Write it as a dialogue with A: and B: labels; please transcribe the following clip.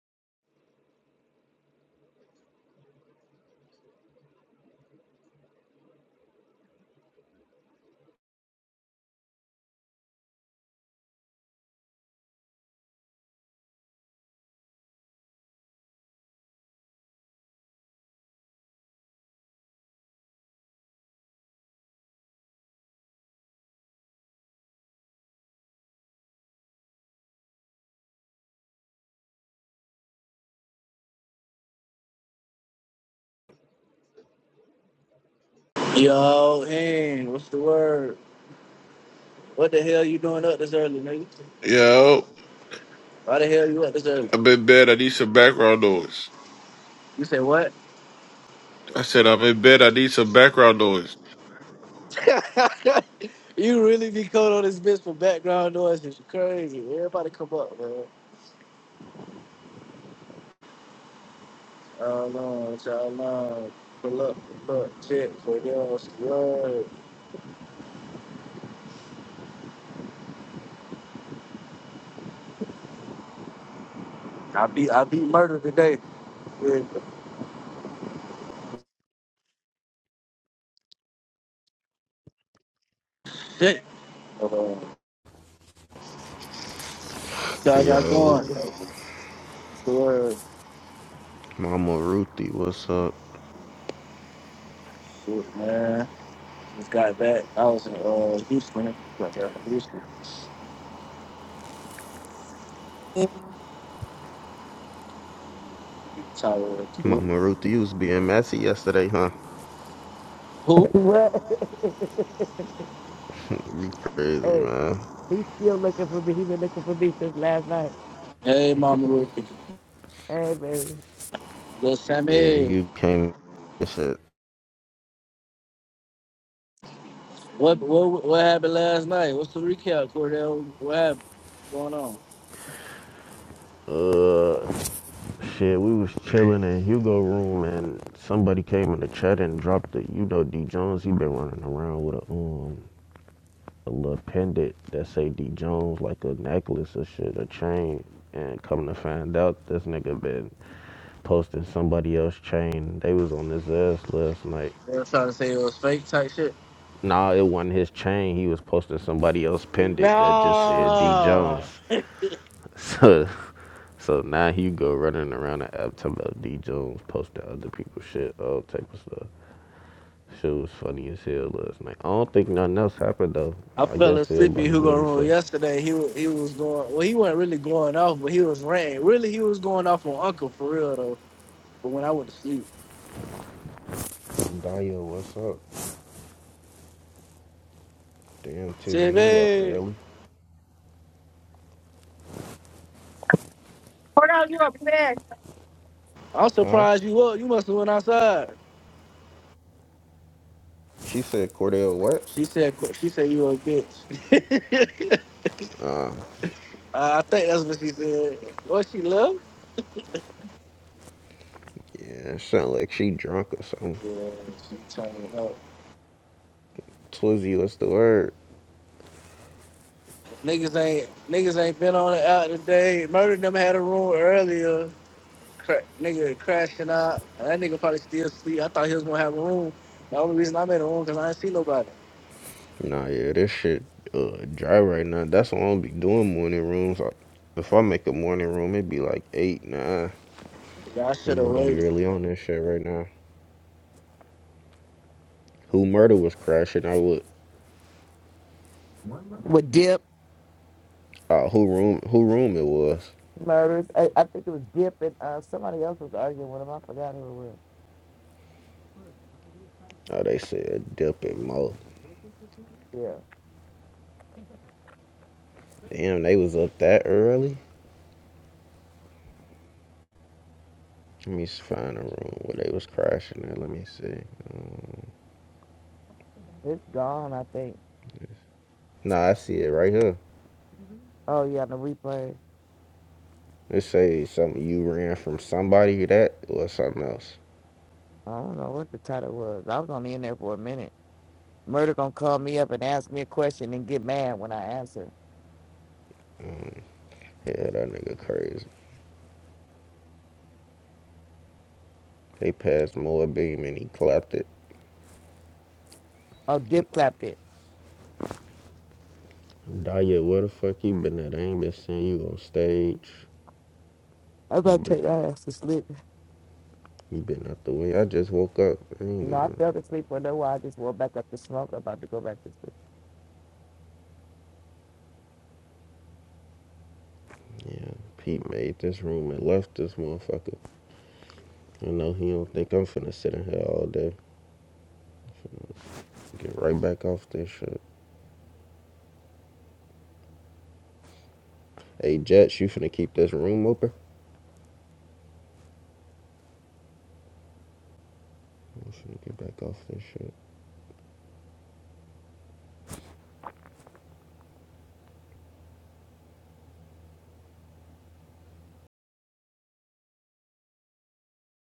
A: Yo, and what's the word? What the hell you doing up this early, nigga?
B: Yo,
A: Why the hell you up this early?
B: I'm in bed. I need some background noise.
A: You say what?
B: I said I'm in bed. I need some background noise.
A: you really be caught on this bitch for background noise. It's crazy. Everybody come up, man. Oh y'all no. Pull up, pull up, check for y'all. squad. I beat, I beat murder today. Yeah. Shit. Uh, so I got
C: Yo,
A: going. What's the Word.
C: Mama Ruthie, what's up?
A: Shit, man. Just got back. I was in uh, Houston. Got back from Houston. Tyler. Who?
C: Mama Ruthie, you was being messy yesterday, huh?
D: What?
C: Crazy,
D: hey,
C: man.
D: he's still looking for me. He's been looking for me since last night.
A: Hey, Mama Ruthie.
D: Hey, baby.
A: Little
C: Yeah,
A: Sammy.
C: you came and shit.
A: What, what what happened last night? What's the recap, Cordell? What happened? What's going on?
C: Shit, we was chilling in Hugo room and somebody came in the chat and dropped the, you know, D Jones. He been running around with a um a little pendant that say D Jones, like a necklace or shit, a chain. And come to find out, this nigga been posting somebody else's chain. They was on his ass last night.
A: They were trying to say it was fake type shit.
C: Nah, it wasn't his chain. He was posting somebody else pinned it that just said D
A: No.
C: Jones. So so now you go running around the app talking about D Jones posting other people's shit, all type of stuff. Shit was funny as hell last night. I don't think nothing else happened though.
A: I
C: I
A: fell
C: guess
A: asleep in
C: everybody
A: Hugo
C: waiting
A: room
C: for
A: yesterday. He wa- he was going well. He wasn't really going off, but he was ranting. Really, he was going off on Uncle for real though. But when I went to sleep,
C: Daya, what's up? Damn
A: said,
C: TV, you up
A: "Man,
C: early.
E: Hold on, you up there.
A: I'm
C: Huh?
A: surprised you up. You must have went outside."
C: She said Cordell what?
A: She said, "Qu- "She said you a bitch."
C: Uh
A: Uh, I think that's what she said. What she love?
C: yeah, it sound like she drunk or something.
A: Yeah, she turning up.
C: Twizzy, what's the word?
A: Niggas ain't niggas ain't been on it out today. Murder them had a room earlier. Cra- nigga crashing out. And that nigga probably still sleep. I thought he was gonna have a room. The only reason I made a room because I ain't see nobody.
C: Nah, yeah, this shit uh dry right now. That's why I don't be doing morning rooms. I, if I make a morning room, it be like eight, nine.
A: Yeah, I should
C: Ain't
A: have
C: nobody
A: waited.
C: really on this shit right now. Who murder was crashing? I would.
D: With Dip
C: Uh, who room? Who room it was?
D: murders. I, I think it was Dip and uh, somebody else was arguing with him. I forgot who it was.
C: Oh, they said dip and mo.
D: Yeah.
C: Damn, they was up that early. Let me s- find a room where they was crashing at. Let me see.
D: It's gone, I think.
C: Nah, I see it right here.
D: Oh, yeah, the replay.
C: It say something you ran from somebody that or something else.
D: I don't know what the title was. I was only in there for a minute. Murder gonna call me up and ask me a question and get mad when I answer.
C: Yeah, that nigga crazy. They passed Moa Beam and he clapped it.
D: Oh, Dip clapped it.
C: Daya, where the fuck you been at? I ain't been seeing you on stage.
D: I'm
C: You
D: about to
C: been
D: take your ass to sleep.
C: you been out the way. I just woke up. I ain't
D: No, I
C: even
D: fell asleep for a little while. I just woke back up to smoke. About to go back to sleep.
C: yeah. Pete made this room and left this motherfucker. I know he don't think I'm finna sit in here all day. Get right back off this shit. Hey Jets, you finna keep this room open? I'm finna get back off this shit.